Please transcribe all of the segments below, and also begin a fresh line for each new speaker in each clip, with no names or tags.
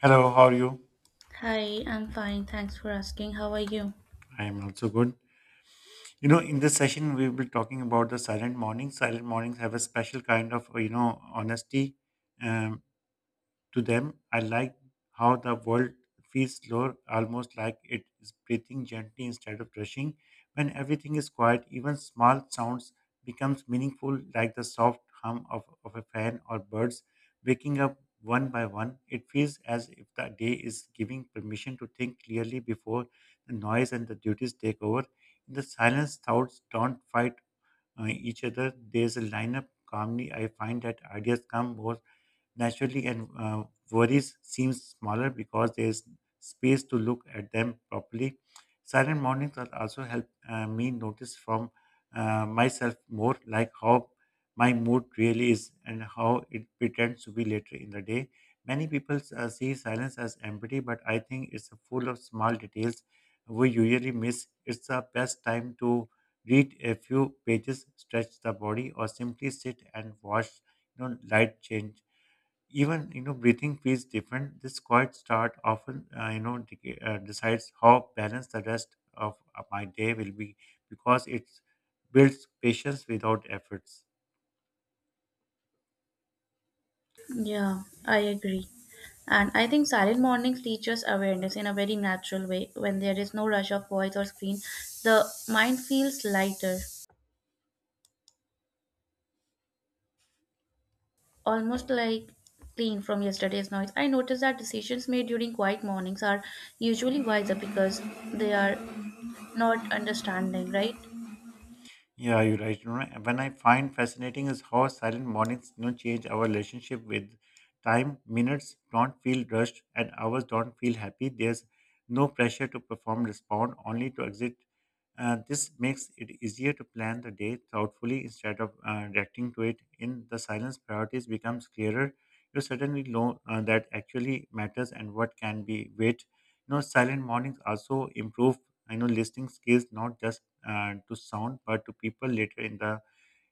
Hello, how are you?
Hi, I'm fine. Thanks for asking. How are you?
I am also good. You know, in this session, we will be talking about the silent mornings. Silent mornings have a special kind of honesty. Um, to them. I like how the world feels slower, almost like it is breathing gently instead of rushing. When everything is quiet, even small sounds becomes meaningful, like the soft hum of a fan or birds waking up one by one. It feels as if the day is giving permission to think clearly before the noise and the duties take over. In the silence, thoughts don't fight each other. There's a lineup calmly. I find that ideas come more naturally and worries seem smaller because there is space to look at them properly. Silent mornings are also help me notice from myself more, like how my mood really is and how it pretends to be later in the day. Many people see silence as empty, but I think it's full of small details we usually miss. It's the best time to read a few pages, stretch the body, or simply sit and watch, light change, even breathing feels different. This quiet start often decides how balanced the rest of my day will be because it builds patience without efforts.
Yeah, I agree. And I think silent mornings teach us awareness in a very natural way. When there is no rush of voice or screen, the mind feels lighter, almost like clean from yesterday's noise. I noticed that decisions made during quiet mornings are usually wiser because they are not understanding, right?
Yeah, you're right. You know, when I find fascinating is how silent mornings, you know, change our relationship with time. Minutes don't feel rushed, and hours don't feel happy. There's no pressure to perform, respond, only to exit. This makes it easier to plan the day thoughtfully instead of reacting to it. In the silence, priorities becomes clearer. You suddenly know that actually matters and what can be wait. You know, silent mornings also improve, I know, listening skills, not just to sound, but to people later in the,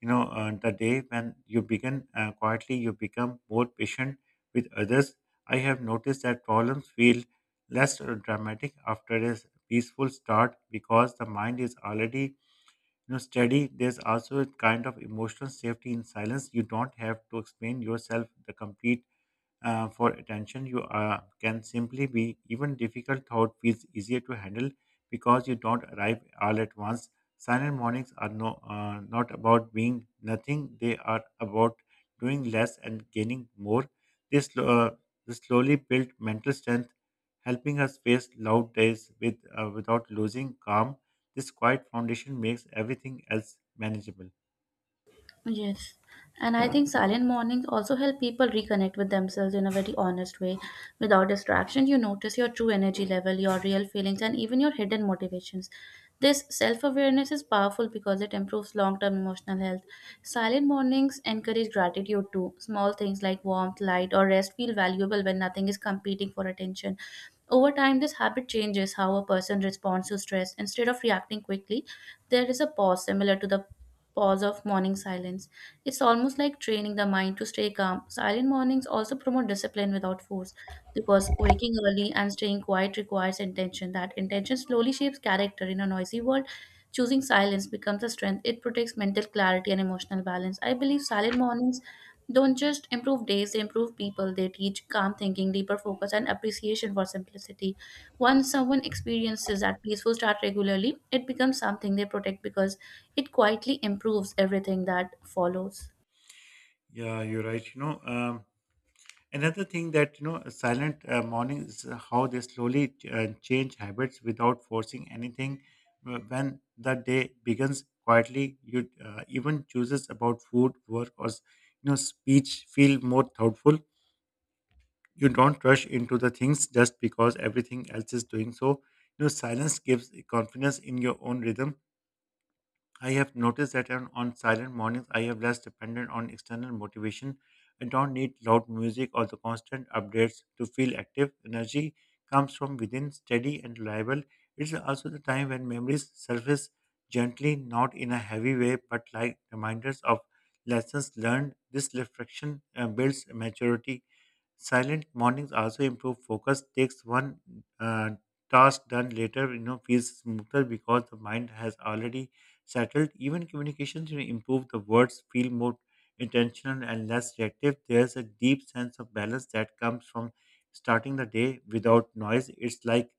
you know, uh, the day. When you begin quietly, you become more patient with others. I have noticed that problems feel less dramatic after a peaceful start because the mind is already, you know, steady. There's also a kind of emotional safety in silence. You don't have to explain yourself the complete for attention, you can simply be. Even difficult thought feels easier to handle because you don't arrive all at once. Silent mornings are not about being nothing; they are about doing less and gaining more. This, uh, this slowly built mental strength, helping us face loud days with without losing calm. This quiet foundation makes everything else manageable.
Yes. And I think silent mornings also help people reconnect with themselves in a very honest way. Without distraction, you notice your true energy level, your real feelings, and even your hidden motivations. This self awareness is powerful because it improves long term emotional health. Silent mornings encourage gratitude too. Small things like warmth, light, or rest feel valuable when nothing is competing for attention. Over time, this habit changes how a person responds to stress. Instead of reacting quickly, there is a pause similar to the pause of morning silence. It's almost like training the mind to stay calm. Silent mornings also promote discipline without force because waking early and staying quiet requires intention. That intention slowly shapes character in a noisy world. Choosing silence becomes a strength. It protects mental clarity and emotional balance. I believe silent mornings don't just improve days, they improve people. They teach calm thinking, deeper focus, and appreciation for simplicity. Once someone experiences that peaceful start regularly, it becomes something they protect because it quietly improves everything that follows.
Yeah, you're right. Another thing that, you know, silent morning is how they slowly change habits without forcing anything. When the day begins quietly, you even chooses about food, work, or speech feel more thoughtful. You don't rush into the things just because everything else is doing so. You know, silence gives confidence in your own rhythm. I have noticed that on silent mornings, I am less dependent on external motivation. I don't need loud music or the constant updates to feel active. Energy comes from within, steady and reliable. It's also the time when memories surface gently, not in a heavy way, but like reminders of lessons learned. This reflection builds maturity. Silent mornings also improve focus. Takes one uh, task done later, you know, feels smoother because the mind has already settled. Even communications, you know, improve. The words feel more intentional and less reactive. There's a deep sense of balance that comes from starting the day without noise. It's like,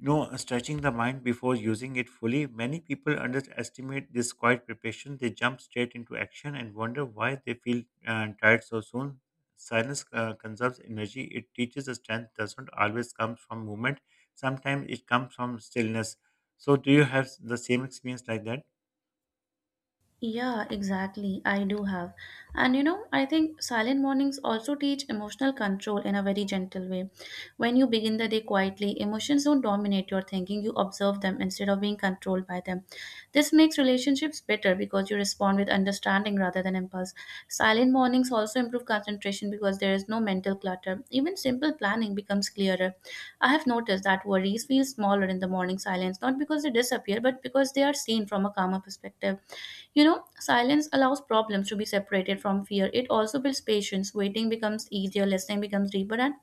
you know, stretching the mind before using it fully. Many people underestimate this quiet preparation. They jump straight into action and wonder why they feel tired so soon. Silence conserves energy. It teaches us strength doesn't always come from movement. Sometimes it comes from stillness. So, do you have the same experience like that?
Yeah, exactly. I do have. And I think silent mornings also teach emotional control in a very gentle way. When you begin the day quietly, emotions don't dominate your thinking, you observe them instead of being controlled by them. This makes relationships better because you respond with understanding rather than impulse. Silent mornings also improve concentration because there is no mental clutter. Even simple planning becomes clearer. I have noticed that worries feel smaller in the morning silence, not because they disappear, but because they are seen from a calmer perspective. Silence allows problems to be separated from fear. It also builds patience. Waiting becomes easier, listening becomes deeper, and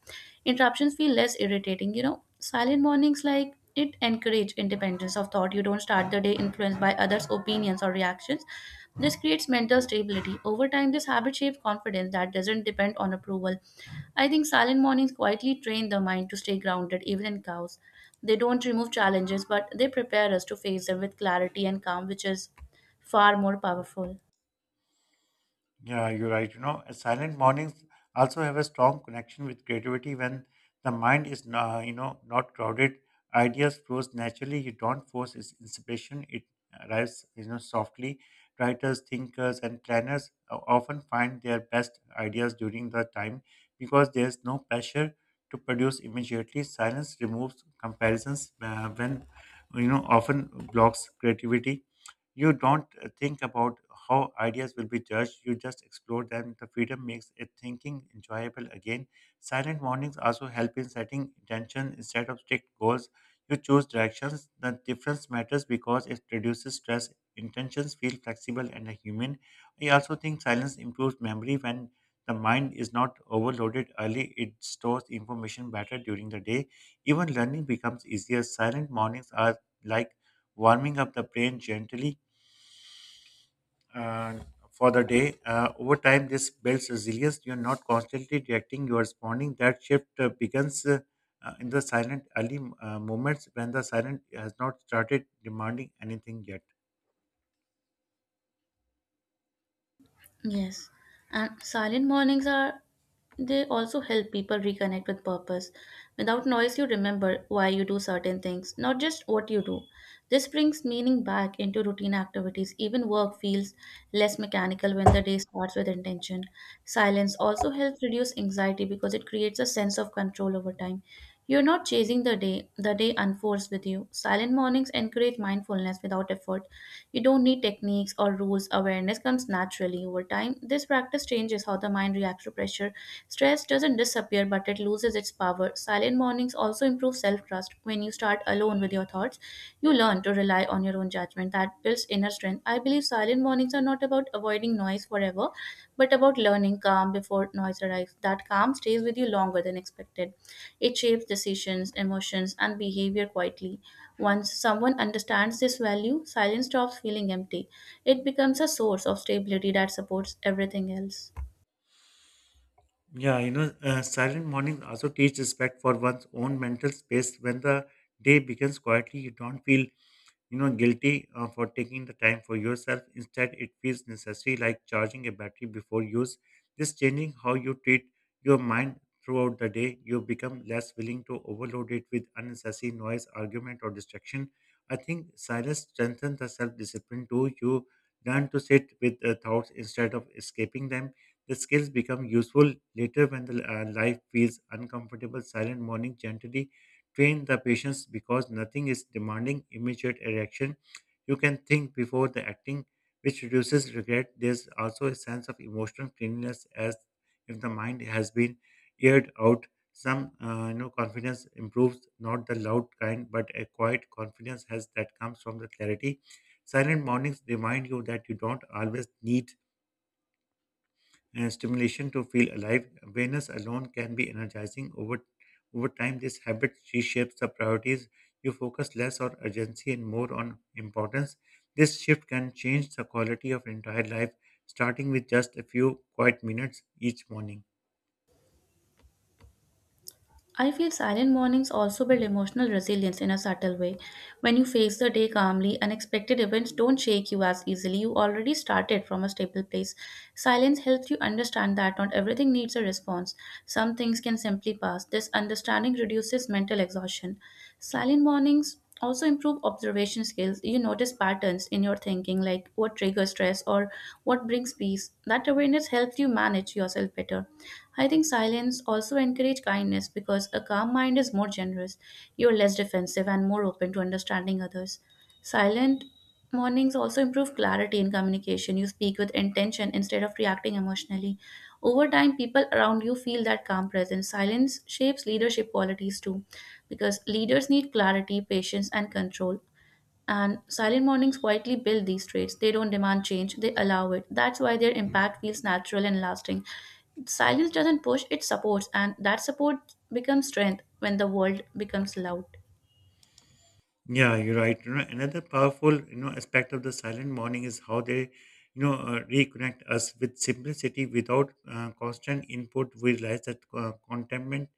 interruptions feel less irritating. Silent mornings like it encourage independence of thought. You don't start the day influenced by others opinions or reactions. This creates mental stability over time. This habit shapes confidence that doesn't depend on approval. I think silent mornings quietly train the mind to stay grounded even in chaos. They don't remove challenges, but they prepare us to face them with clarity and calm, which is far more powerful.
Yeah, you're right. Silent mornings also have a strong connection with creativity when the mind is, not crowded. Ideas flows naturally. You don't force its inspiration. It arrives, you know, softly. Writers, thinkers, and planners often find their best ideas during the time because there's no pressure to produce immediately. Silence removes comparisons when, you know, often blocks creativity. You don't think about how ideas will be judged, you just explore them. The freedom makes it thinking enjoyable again. Silent mornings also help in setting intention instead of strict goals. You choose directions. The difference matters because it reduces stress. Intentions feel flexible and human. I also think silence improves memory. When the mind is not overloaded early, it stores information better during the day. Even learning becomes easier. Silent mornings are like warming up the brain gently uh, for the day. Over time, this builds resilience. You're not constantly reacting, you're responding. That shift begins in the silent early moments when the silent has not started demanding anything yet.
Yes, and silent mornings are they also help people reconnect with purpose. Without noise, you remember why you do certain things, not just what you do. This brings meaning back into routine activities. Even work feels less mechanical when the day starts with intention. Silence also helps reduce anxiety because it creates a sense of control over time. You're not chasing the day unfolds with you. Silent mornings encourage mindfulness without effort. You don't need techniques or rules, awareness comes naturally over time. This practice changes how the mind reacts to pressure. Stress doesn't disappear, but it loses its power. Silent mornings also improve self trust. When you start alone with your thoughts, you learn to rely on your own judgment attachment that builds inner strength. I believe silent mornings are not about avoiding noise forever, but about learning calm before noise arrives. That calm stays with you longer than expected. It shapes decisions, emotions, and behavior quietly. Once someone understands this value, silence stops feeling empty. It becomes a source of stability that supports everything else.
Silent mornings also teach respect for one's own mental space. When the day begins quietly, you don't feel, you know, guilty for taking the time for yourself. Instead it feels necessary, like charging a battery before use. This changing how you treat your mind throughout the day. You become less willing to overload it with unnecessary noise, argument or distraction. I think silence strengthens the self-discipline too. You learn to sit with the thoughts instead of escaping them. The skills become useful later when the life feels uncomfortable. Silent morning gently train the patience because nothing is demanding immediate reaction. You can think before the acting, which reduces regret. There's also a sense of emotional cleanliness, as if the mind has been aired out. Some confidence improves, not the loud kind, but a quiet confidence has that comes from the clarity. Silent mornings remind you that you don't always need stimulation to feel alive. Awareness alone can be energizing. Over time, this habit reshapes the priorities. You focus less on urgency and more on importance. This shift can change the quality of entire life, starting with just a few quiet minutes each morning.
I feel silent mornings also build emotional resilience in a subtle way. When you face the day calmly, unexpected events don't shake you as easily. You already started from a stable place. Silence helps you understand that not everything needs a response. Some things can simply pass. This understanding reduces mental exhaustion. Silent mornings also improve observation skills. You notice patterns in your thinking, like what triggers stress or what brings peace. That awareness helps you manage yourself better. I think silence also encourage kindness because a calm mind is more generous. You're less defensive and more open to understanding others. Silent mornings also improve clarity in communication. You speak with intention instead of reacting emotionally. Over time, people around you feel that calm presence. Silence shapes leadership qualities too because leaders need clarity, patience, and control. And silent mornings quietly build these traits. They don't demand change, they allow it. That's why their impact feels natural and lasting. Silence doesn't push, it supports, and that support becomes strength when the world becomes loud.
Yeah, you're right. You know, another powerful, you know, aspect of the silent morning is how they, reconnect us with simplicity without constant input. We realize that contentment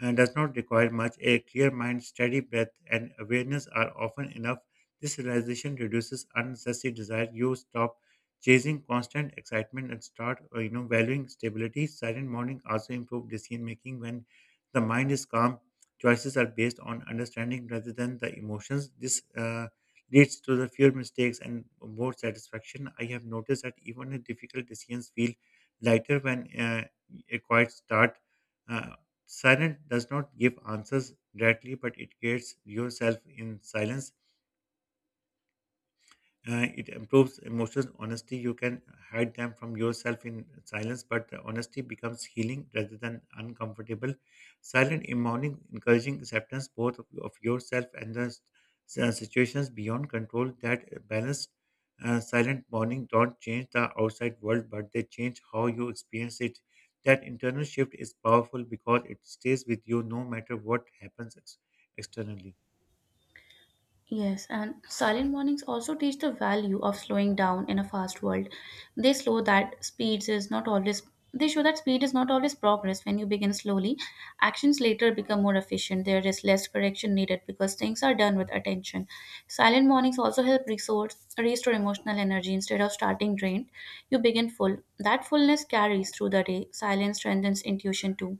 does not require much. A clear mind, steady breath, and awareness are often enough. This realization reduces unnecessary desire. You stop chasing constant excitement and start, valuing stability. Silent morning also improves decision making. When the mind is calm, choices are based on understanding rather than the emotions. This leads to the fewer mistakes and more satisfaction. I have noticed that even the difficult decisions feel lighter when a quiet start. Uh, Silent does not give answers directly, but it creates yourself in silence. It improves emotions. Honesty, you can hide them from yourself in silence, but honesty becomes healing rather than uncomfortable. Silent mourning, encouraging acceptance both of yourself and the situations beyond control. That balanced, silent mourning don't change the outside world, but they change how you experience it. That internal shift is powerful because it stays with you no matter what happens externally.
Yes, and silent mornings also teach the value of slowing down in a fast world. They slow that speeds is not always they show that speed is not always progress when you begin slowly. Actions later become more efficient. There is less correction needed because things are done with attention. Silent mornings also help resource restore emotional energy instead of starting drained. You begin full. That fullness carries through the day. Silence strengthens intuition too.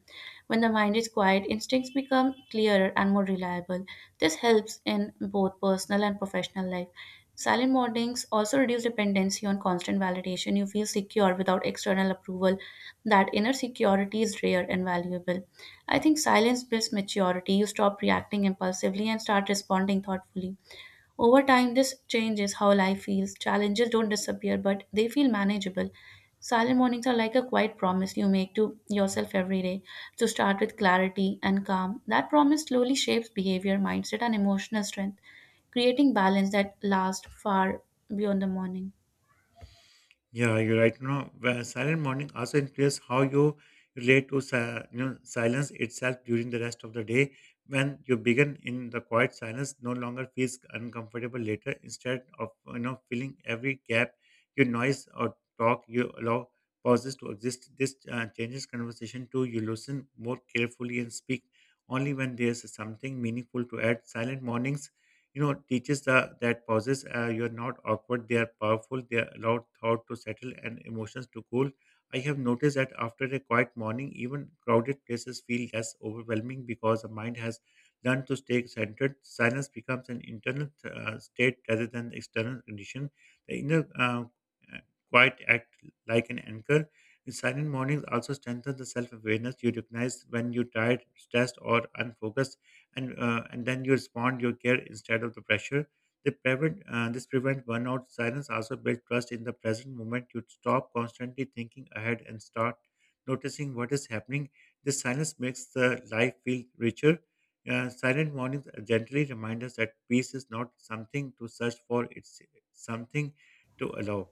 When the mind is quiet, instincts become clearer and more reliable. This helps in both personal and professional life. Silent mornings also reduce dependency on constant validation. You feel secure without external approval. That inner security is rare and valuable. I think silence builds maturity. You stop reacting impulsively and start responding thoughtfully. Over time, this changes how life feels. Challenges don't disappear, but they feel manageable. Silent mornings are like a quiet promise you make to yourself every day to start with clarity and calm. That promise slowly shapes behavior, mindset, and emotional strength, creating balance that lasts far beyond the morning.
Yeah, you're right. You know, where silent morning also influences how you relate to silence itself during the rest of the day. When you begin in the quiet silence, no longer feels uncomfortable later. Instead of, you know, filling every gap, your noise or talk, you allow pauses to exist. This changes conversation too. You listen more carefully and speak only when there's something meaningful to add. Silent mornings, you know, teaches the, that pauses you're not awkward, they are powerful. They allow thought to settle and emotions to cool. I have noticed that after a quiet morning, even crowded places feel less overwhelming because the mind has learned to stay centered. Silence becomes an internal state rather than external condition. The inner uh, quiet act like an anchor. In silent mornings also strengthen the self-awareness, you recognize when you're tired, stressed or unfocused, and then you respond your care instead of the pressure. They prevent this prevent burnout. Silence also build trust in the present moment. You stop constantly thinking ahead and start noticing what is happening. This silence makes the life feel richer. Silent mornings gently remind us that peace is not something to search for; it's something to allow.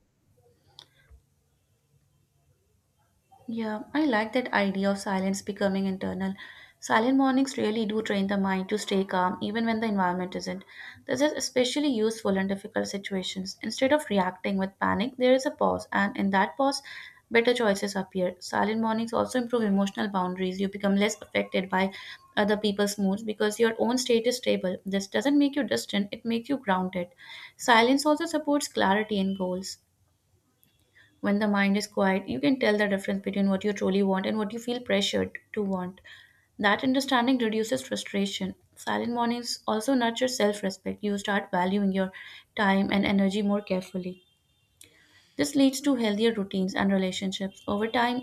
Yeah, I like that idea of silence becoming internal. Silent mornings really do train the mind to stay calm even when the environment isn't. This is especially useful in difficult situations. Instead of reacting with panic, there is a pause, and in that pause, better choices appear. Silent mornings also improve emotional boundaries. You become less affected by other people's moods because your own state is stable. This doesn't make you distant, it makes you grounded. Silence also supports clarity in goals. When the mind is quiet, you can tell the difference between what you truly want and what you feel pressured to want. That understanding reduces frustration. Silent mornings also nurture self respect. You start valuing your time and energy more carefully. This leads to healthier routines and relationships. Over time,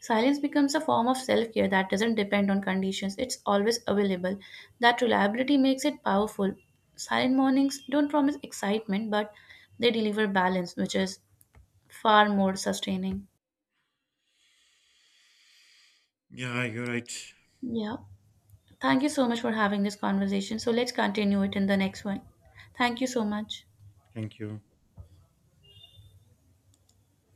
silence becomes a form of self care that doesn't depend on conditions, it's always available. That reliability makes it powerful. Silent mornings don't promise excitement, but they deliver balance, which is far more sustaining.
Yeah, you're right.
Yeah. Thank you so much for having this conversation. So let's continue it in the next one. Thank you so much.
Thank you.